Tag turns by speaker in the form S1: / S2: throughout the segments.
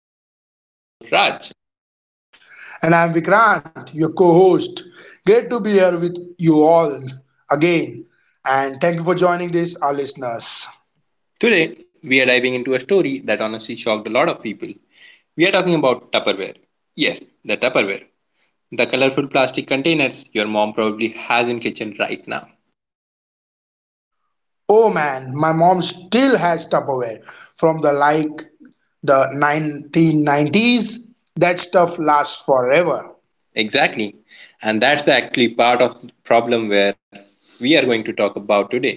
S1: podcast. I'm your host, Raj.
S2: And I'm Vikrant, your co host. Great to be here with you all again. And thank you for joining this, our listeners.
S1: Today, we are diving into a story that honestly shocked a lot of people. We are talking about Tupperware. Yes, the Tupperware. The colorful plastic containers your mom probably has in kitchen right now.
S2: Oh man, my mom still has Tupperware from the like the 1990s. That stuff lasts forever.
S1: Exactly. And that's actually part of the problem where we are going to talk about today.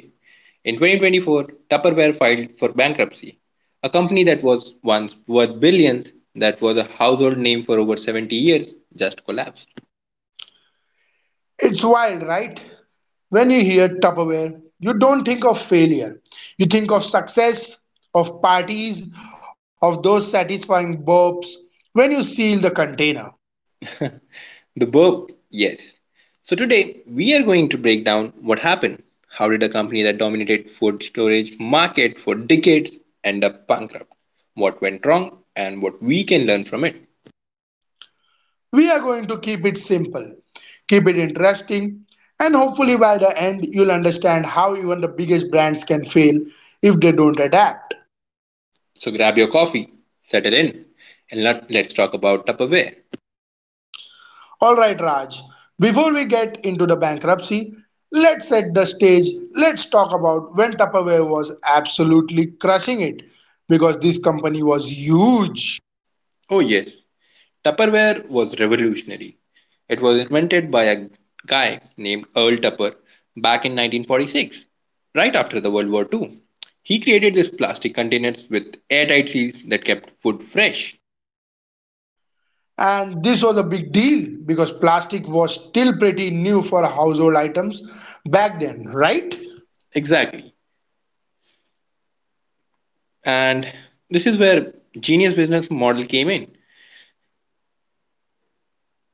S1: In 2024, Tupperware filed for bankruptcy. A company that was once worth billions, that was a household name for over 70 years, just collapsed.
S2: It's wild, right? When you hear Tupperware, you don't think of failure. You think of success, of parties, of those satisfying burps when you seal the container.
S1: The burp, yes. So today, we are going to break down what happened. How did a company that dominated food storage market for decades end up bankrupt? What went wrong and what we can learn from it.
S2: We are going to keep it simple, keep it interesting, and hopefully by the end you'll understand how even the biggest brands can fail if they don't adapt.
S1: So grab your coffee, settle in, and let's talk about Tupperware.
S2: Alright, Raj, before we get into the bankruptcy, let's set the stage. Let's talk about when Tupperware was absolutely crushing it, because this company was huge.
S1: Oh, yes, Tupperware was revolutionary. It was invented by a guy named Earl Tupper back in 1946, right after the World War II. He created these plastic containers with airtight seals that kept food fresh.
S2: And this was a big deal because plastic was still pretty new for household items back then, right?
S1: Exactly. And this is where genius business model came in.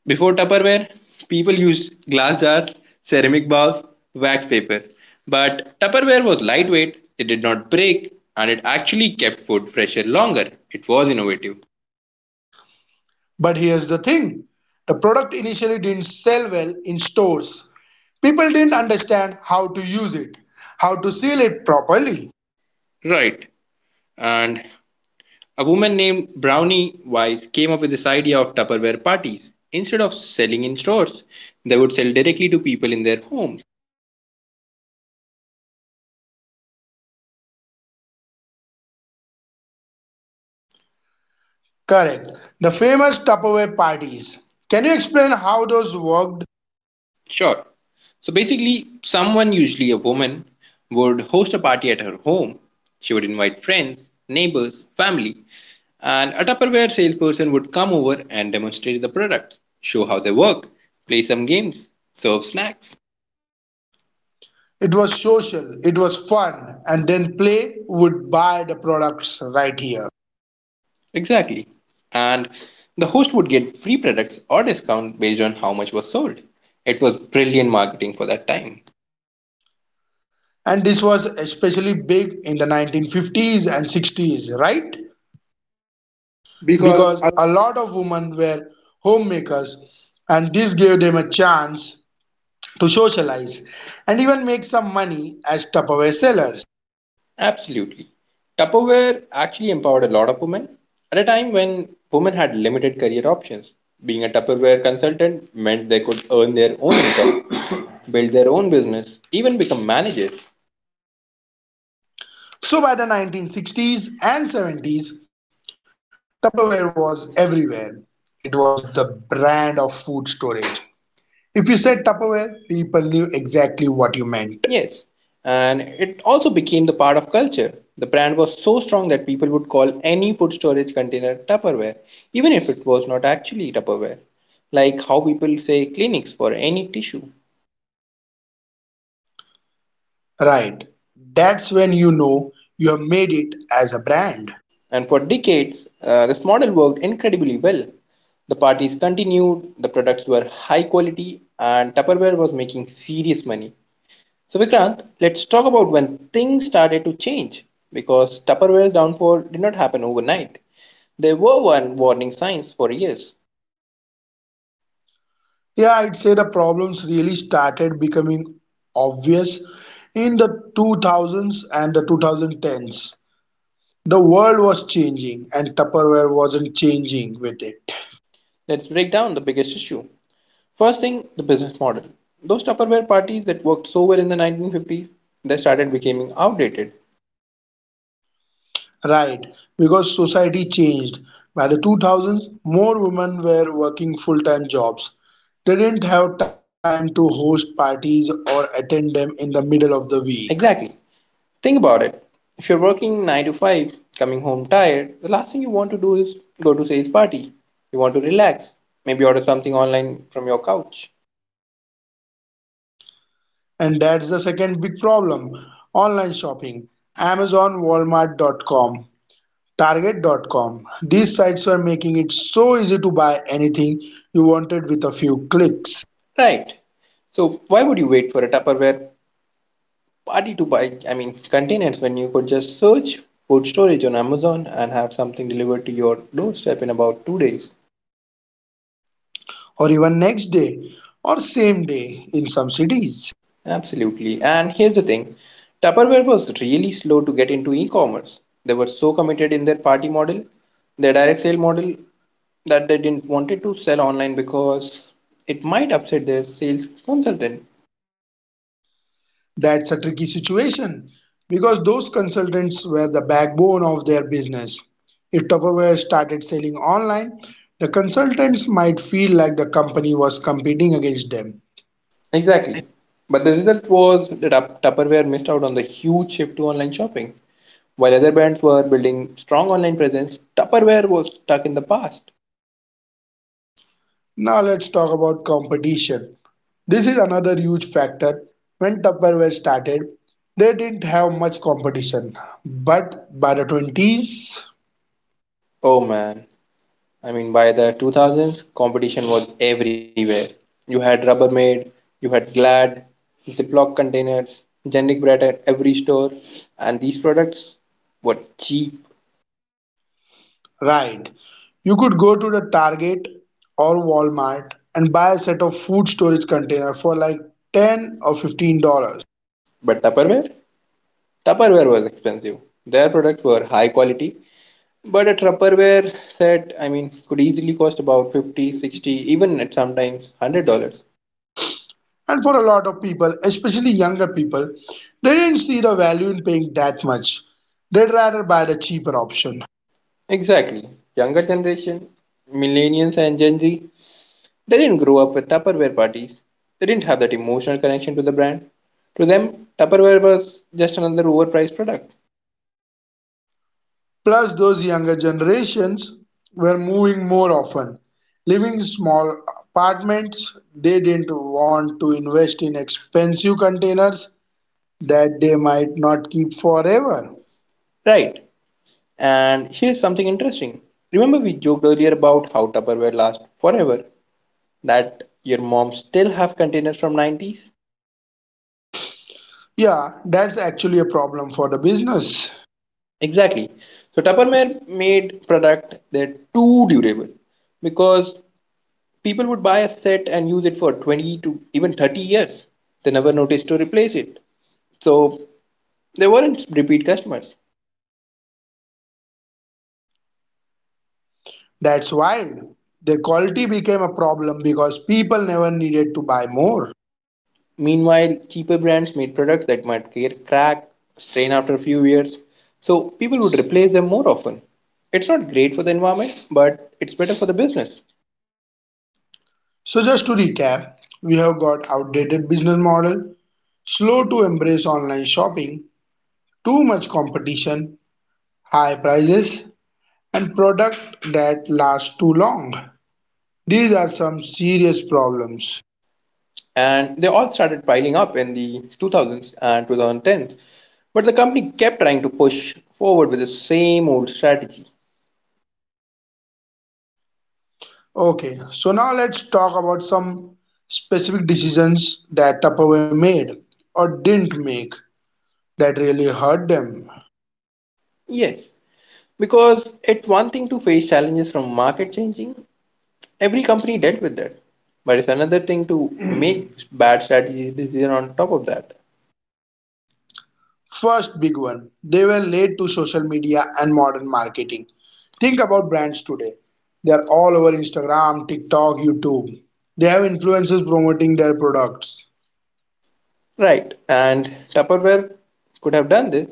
S1: Before Tupperware, people used glass jars, ceramic bowls, wax paper. But Tupperware was lightweight, it did not break, and it actually kept food fresher longer. It was innovative.
S2: But here's the thing, the product initially didn't sell well in stores. People didn't understand how to use it, how to seal it properly.
S1: Right. And a woman named Brownie Wise came up with this idea of Tupperware parties. Instead of selling in stores, they would sell directly to people in their homes.
S2: Correct. The famous Tupperware parties. Can you explain how those worked?
S1: Sure. So basically, someone, usually a woman, would host a party at her home. She would invite friends, neighbors, family, and a Tupperware salesperson would come over and demonstrate the products, show how they work, play some games, serve snacks.
S2: It was social, it was fun, and then Play would buy the products right here.
S1: Exactly. And the host would get free products or discount based on how much was sold. It was brilliant marketing for that time.
S2: And this was especially big in the 1950s and 60s, right?
S1: Because
S2: Because a lot of women were homemakers and this gave them a chance to socialize and even make some money as Tupperware sellers.
S1: absolutely, Tupperware actually empowered a lot of women at a time when women had limited career options. Being a Tupperware consultant meant they could earn their own income, build their own business, even become managers.
S2: So by the 1960s and 70s, Tupperware was everywhere. It was the brand of food storage. If you said Tupperware, people knew exactly what you meant.
S1: Yes. And it also became the part of culture. The brand was so strong that people would call any food storage container Tupperware, even if it was not actually Tupperware. Like how people say clinics for any tissue.
S2: Right. That's when you know you have made it as a brand.
S1: And for decades, this model worked incredibly well. The parties continued, the products were high quality, and Tupperware was making serious money. So, Vikrant, let's talk about when things started to change because Tupperware's downfall did not happen overnight. There were one warning signs for years.
S2: Yeah, I'd say the problems really started becoming obvious in the 2000s and the 2010s. The world was changing and Tupperware wasn't changing with it.
S1: Let's break down the biggest issue. First thing, the business model. Those Tupperware parties that worked so well in the 1950s, they started becoming outdated.
S2: Right, because society changed. By the 2000s, more women were working full time jobs. They didn't have time to host parties or attend them in the middle of the week.
S1: Exactly. Think about it. If you're working 9 to 5, coming home tired, the last thing you want to do is go to sales party. You want to relax, maybe order something online from your couch.
S2: And that's the second big problem, online shopping. Amazon, Walmart.com, Target.com. These sites were making it so easy to buy anything you wanted with a few clicks.
S1: Right. So why would you wait for a Tupperware party to buy, I mean, containers when you could just search food storage on Amazon and have something delivered to your doorstep in about 2 days?
S2: Or even next day, or same day in some cities.
S1: Absolutely. And here's the thing, Tupperware was really slow to get into e commerce. They were so committed in their party model, their direct sale model, that they didn't wanted to sell online because it might upset their sales consultant.
S2: That's a tricky situation because those consultants were the backbone of their business. If Tupperware started selling online, the consultants might feel like the company was competing against them.
S1: Exactly. But the result was that Tupperware missed out on the huge shift to online shopping. While other brands were building strong online presence, Tupperware was stuck in the past.
S2: Now let's talk about competition. This is another huge factor. When Tupperware started, they didn't have much competition, but by the 20s.
S1: Oh man. I mean, by the 2000s, competition was everywhere. You had Rubbermaid, you had Glad, Ziploc containers, generic bread at every store, and these products were cheap.
S2: Right. You could go to the Target or Walmart and buy a set of food storage container for like 10 or $15.
S1: But Tupperware? Tupperware was expensive. Their products were high quality, but a Tupperware set, I mean, could easily cost about 50, 60, even at sometimes $100.
S2: And for a lot of people, especially younger people, they didn't see the value in paying that much. They'd rather buy the cheaper option.
S1: Exactly. Younger generation, millennials and Gen Z, they didn't grow up with Tupperware parties. They didn't have that emotional connection to the brand. To them, Tupperware was just another overpriced product.
S2: Plus, those younger generations were moving more often, living in small apartments. They didn't want to invest in expensive containers that they might not keep forever.
S1: Right. And here's something interesting. Remember we joked earlier about how Tupperware lasts forever? That your mom still have containers from 90s?
S2: Yeah, that's actually a problem for the business.
S1: Exactly. So Tupperware made product that too durable because people would buy a set and use it for 20 to even 30 years. They never noticed to replace it. So they weren't repeat customers.
S2: That's wild. Their quality became a problem because people never needed to buy more.
S1: Meanwhile, cheaper brands made products that might crack, strain after a few years, so people would replace them more often. It's not great for the environment, but it's better for the business.
S2: So just to recap, we have got outdated business model, slow to embrace online shopping, too much competition, high prices, and product that last too long. These are some serious problems.
S1: And they all started piling up in the 2000s and 2010s. But the company kept trying to push forward with the same old strategy.
S2: Okay, so now let's talk about some specific decisions that Tupperware made or didn't make that really hurt them.
S1: Yes, because it's one thing to face challenges from market changing, every company dealt with that. But it's another thing to make bad strategies decision on top of that.
S2: First big one, they were late to social media and modern marketing. Think about brands today. They are all over Instagram, TikTok, YouTube. They have influencers promoting their products.
S1: Right. And Tupperware could have done this.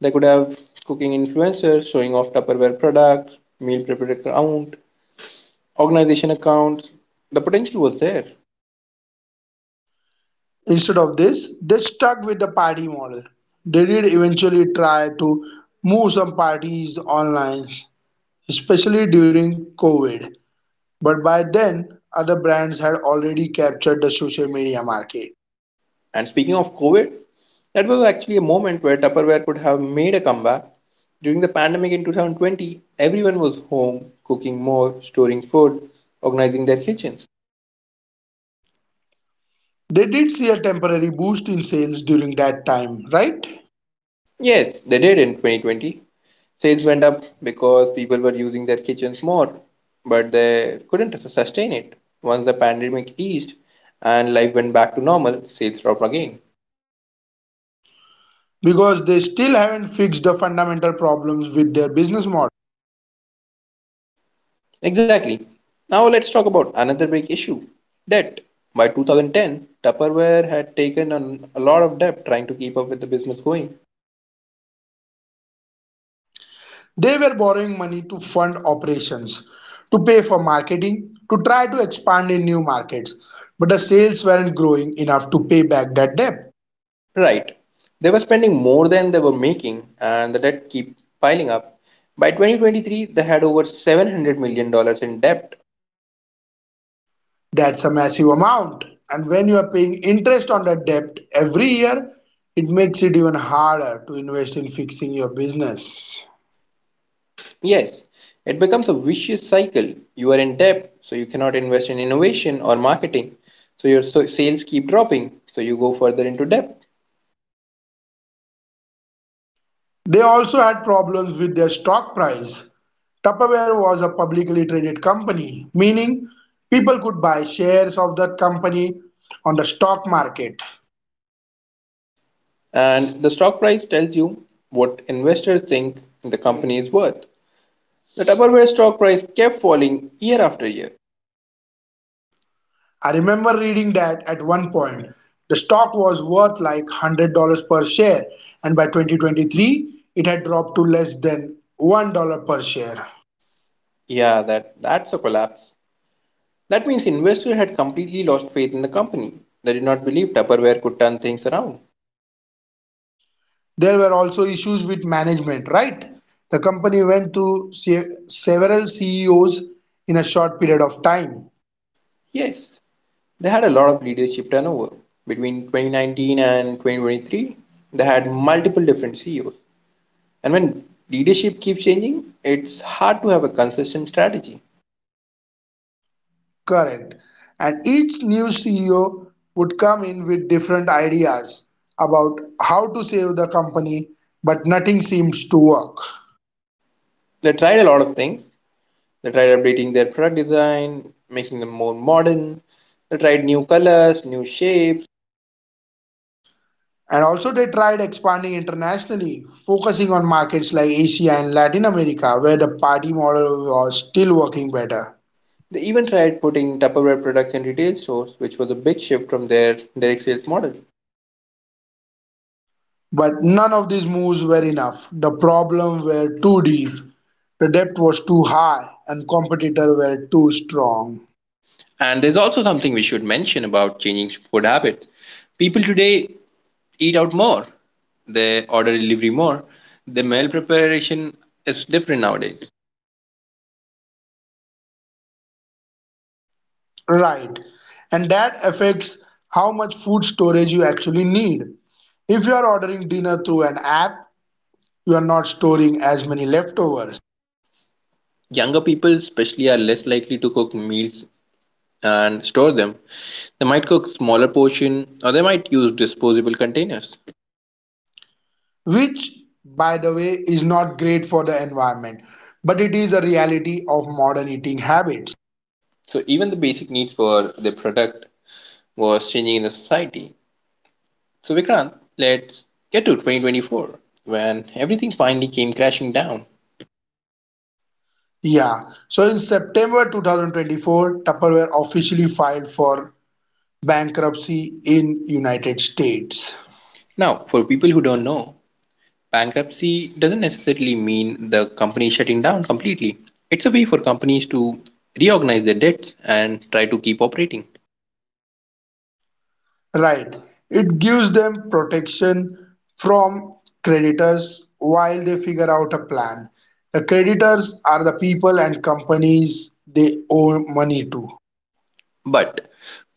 S1: They could have cooking influencers showing off Tupperware products, meal prepper account, organization accounts. The potential was there.
S2: Instead of this, they stuck with the party model. They did eventually try to move some parties online, especially during COVID. But by then, other brands had already captured the social media market.
S1: And speaking of COVID, that was actually a moment where Tupperware could have made a comeback. During the pandemic in 2020, everyone was home, cooking more, storing food, organizing their kitchens.
S2: They did see a temporary boost in sales during that time, right?
S1: Yes, they did in 2020. Sales went up because people were using their kitchens more, but they couldn't sustain it. Once the pandemic eased and life went back to normal, sales dropped again.
S2: Because they still haven't fixed the fundamental problems with their business model.
S1: Exactly. Now let's talk about another big issue, debt. By 2010, Tupperware had taken on a lot of debt trying to keep up with the business going.
S2: They were borrowing money to fund operations, to pay for marketing, to try to expand in new markets, but the sales weren't growing enough to pay back that debt.
S1: Right. They were spending more than they were making, and the debt keep piling up. By 2023, they had over $700 million dollars in debt.
S2: That's a massive amount, and when you are paying interest on that debt every year, it makes it even harder to invest in fixing your business.
S1: Yes, it becomes a vicious cycle. You are in debt, so you cannot invest in innovation or marketing. So your sales keep dropping, so you go further into debt.
S2: They also had problems with their stock price. Tupperware was a publicly traded company, meaning people could buy shares of that company on the stock market.
S1: And the stock price tells you what investors think the company is worth. The Tupperware stock price kept falling year after year.
S2: I remember reading that at one point the stock was worth like $100 per share, and by 2023 it had dropped to less than $1 per share.
S1: Yeah, that's a collapse. That means investors had completely lost faith in the company. They did not believe Tupperware could turn things around.
S2: There were also issues with management, right? The company went through several CEOs in a short period of time.
S1: Yes, they had a lot of leadership turnover. Between 2019 and 2023, they had multiple different CEOs. And when leadership keeps changing, it's hard to have a consistent strategy.
S2: Correct. And each new CEO would come in with different ideas about how to save the company, but nothing seems to work.
S1: They tried a lot of things. They tried updating their product design, making them more modern. They tried new colors, new shapes.
S2: And also, they tried expanding internationally, focusing on markets like Asia and Latin America, where the party model was still working better.
S1: They even tried putting Tupperware products in retail stores, which was a big shift from their direct sales model.
S2: But none of these moves were enough. The problems were too deep, the debt was too high, and competitors were too strong.
S1: And there's also something we should mention about changing food habits. People today eat out more, they order delivery more, the meal preparation is different nowadays.
S2: Right. And that affects how much food storage you actually need. If you are ordering dinner through an app, you are not storing as many leftovers,
S1: Younger people, especially, are less likely to cook meals and store them. They might cook smaller portion or they might use disposable containers.
S2: which, by the way, is not great for the environment, but it is a reality of modern eating habits.
S1: So even the basic needs for the product was changing in the society. So, Vikrant, let's get to 2024 when everything finally came crashing down.
S2: Yeah, so in September 2024, Tupperware officially filed for bankruptcy in United States.
S1: Now, for people who don't know, bankruptcy doesn't necessarily mean the company shutting down completely. It's a way for companies to reorganize their debts and try to keep operating.
S2: Right. It gives them protection from creditors while they figure out a plan. The creditors are the people and companies they owe money to.
S1: But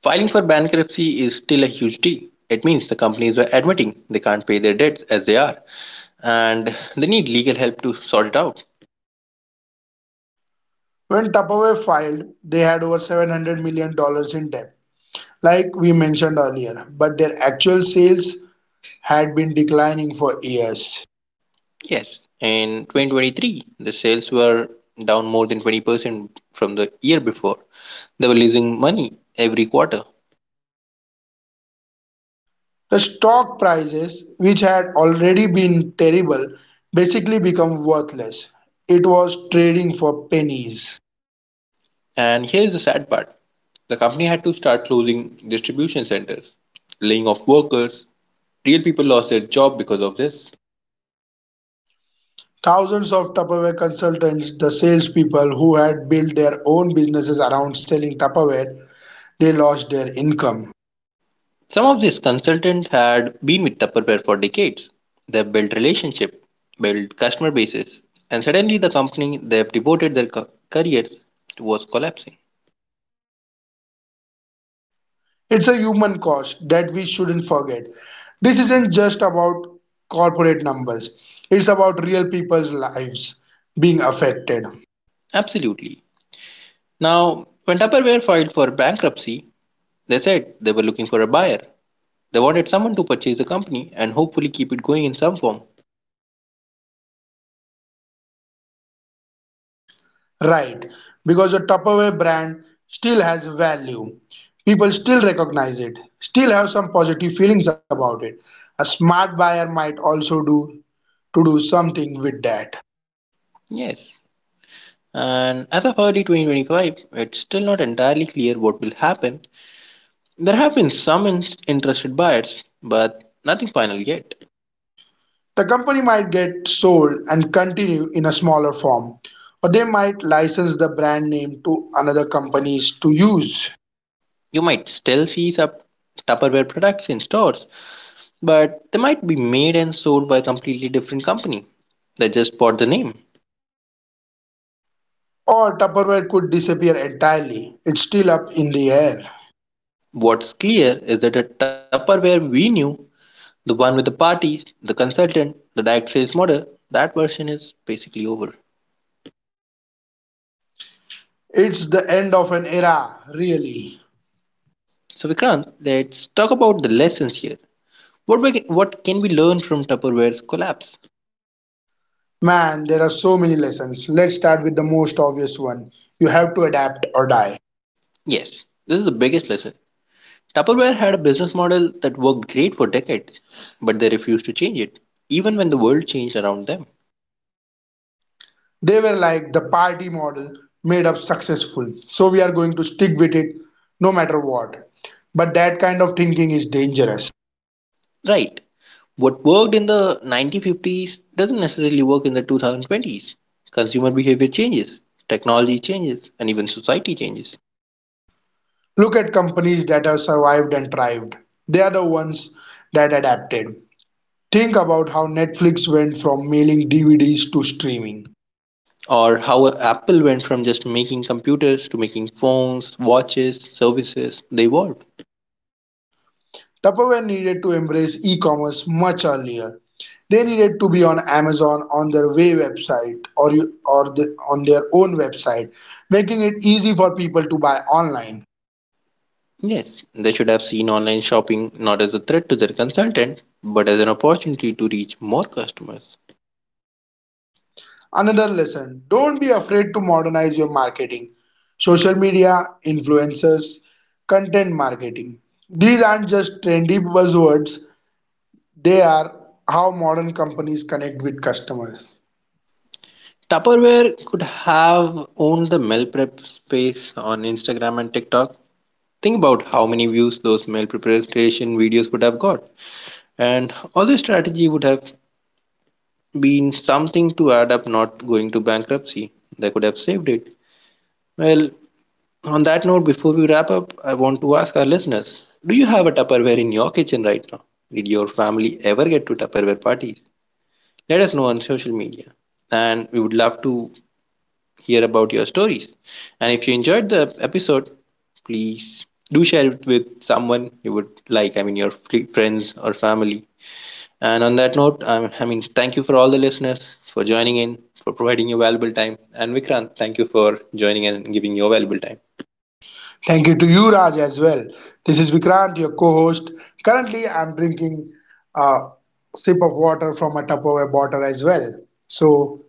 S1: filing for bankruptcy is still a huge deal. It means the companies are admitting they can't pay their debts as they are and they need legal help to sort it out.
S2: When Tupperware filed, they had over $700 million dollars in debt, like we mentioned earlier, but their actual sales had been declining for years.
S1: Yes, in 2023, the sales were down more than 20% from the year before. They were losing money every quarter.
S2: The stock prices, which had already been terrible, basically become worthless. It was trading for pennies.
S1: And here is the sad part, the company had to start closing distribution centers, laying off workers. Real people lost their job because of this.
S2: Thousands of Tupperware consultants, the salespeople who had built their own businesses around selling Tupperware, they lost their income.
S1: Some of these consultants had been with Tupperware for decades. They have built relationship, built customer bases, and suddenly the company they have devoted their careers towards collapsing.
S2: It's a human cost that we shouldn't forget. This isn't just about corporate numbers, it's about real people's lives being affected.
S1: Absolutely. Now, when Tupperware filed for bankruptcy, they said they were looking for a buyer. They wanted someone to purchase the company and hopefully keep it going in some form.
S2: Right, because the Tupperware brand still has value. People still recognize it, still have some positive feelings about it. A smart buyer might also do to do something with that.
S1: Yes. And as of early 2025, it's still not entirely clear what will happen. There have been some interested buyers, but nothing final yet.
S2: The company might get sold and continue in a smaller form, or they might license the brand name to another companies to use.
S1: You might still see some Tupperware products in stores, but they might be made and sold by a completely different company. They just bought the name.
S2: Or Tupperware could disappear entirely. It's still up in the air.
S1: What's clear is that the Tupperware we knew, the one with the parties, the consultant, the direct sales model, that version is basically over.
S2: It's the end of an era, really.
S1: So Vikrant, let's talk about the lessons here. What can we learn from Tupperware's collapse?
S2: Man, there are so many lessons. Let's start with the most obvious one. You have to adapt or die.
S1: Yes, this is the biggest lesson. Tupperware had a business model that worked great for decades, but they refused to change it, even when the world changed around them.
S2: They were like, the party model made up successful. So we are going to stick with it no matter what. But that kind of thinking is dangerous.
S1: Right. What worked in the 1950s doesn't necessarily work in the 2020s. Consumer behavior changes, technology changes, and even society changes.
S2: Look at companies that have survived and thrived. They are the ones that adapted. Think about how Netflix went from mailing DVDs to streaming.
S1: Or how Apple went from just making computers to making phones, watches, services. They evolved.
S2: Tupperware needed to embrace e commerce much earlier. They needed to be on Amazon on their Way website or, you- or the, on their own website, making it easy for people to buy online.
S1: Yes, they should have seen online shopping not as a threat to their consultant, but as an opportunity to reach more customers.
S2: Another lesson, don't be afraid to modernize your marketing. Social media, influencers, content marketing. These aren't just trendy buzzwords, they are how modern companies connect with customers.
S1: Tupperware could have owned the meal prep space on Instagram and TikTok. Think about how many views those meal preparation videos would have got. And all the strategy would have been something to add up not going to bankruptcy. They could have saved it. Well, on that note, before we wrap up, I want to ask our listeners, do you have a Tupperware in your kitchen right now? Did your family ever get to Tupperware parties? Let us know on social media. And we would love to hear about your stories. And if you enjoyed the episode, please do share it with someone you would like. I mean, your friends or family. And on that note, thank you for all the listeners for joining in, for providing your valuable time. And Vikrant, thank you for joining in and giving your valuable time.
S2: Thank you to you, Raj, as well. This is Vikrant, your co host. Currently, I'm drinking a sip of water from a Tupperware bottle as well. So,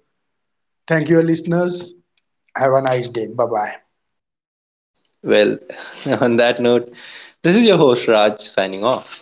S2: thank you, listeners. Have a nice day. Bye bye.
S1: Well, on that note, this is your host Raj signing off.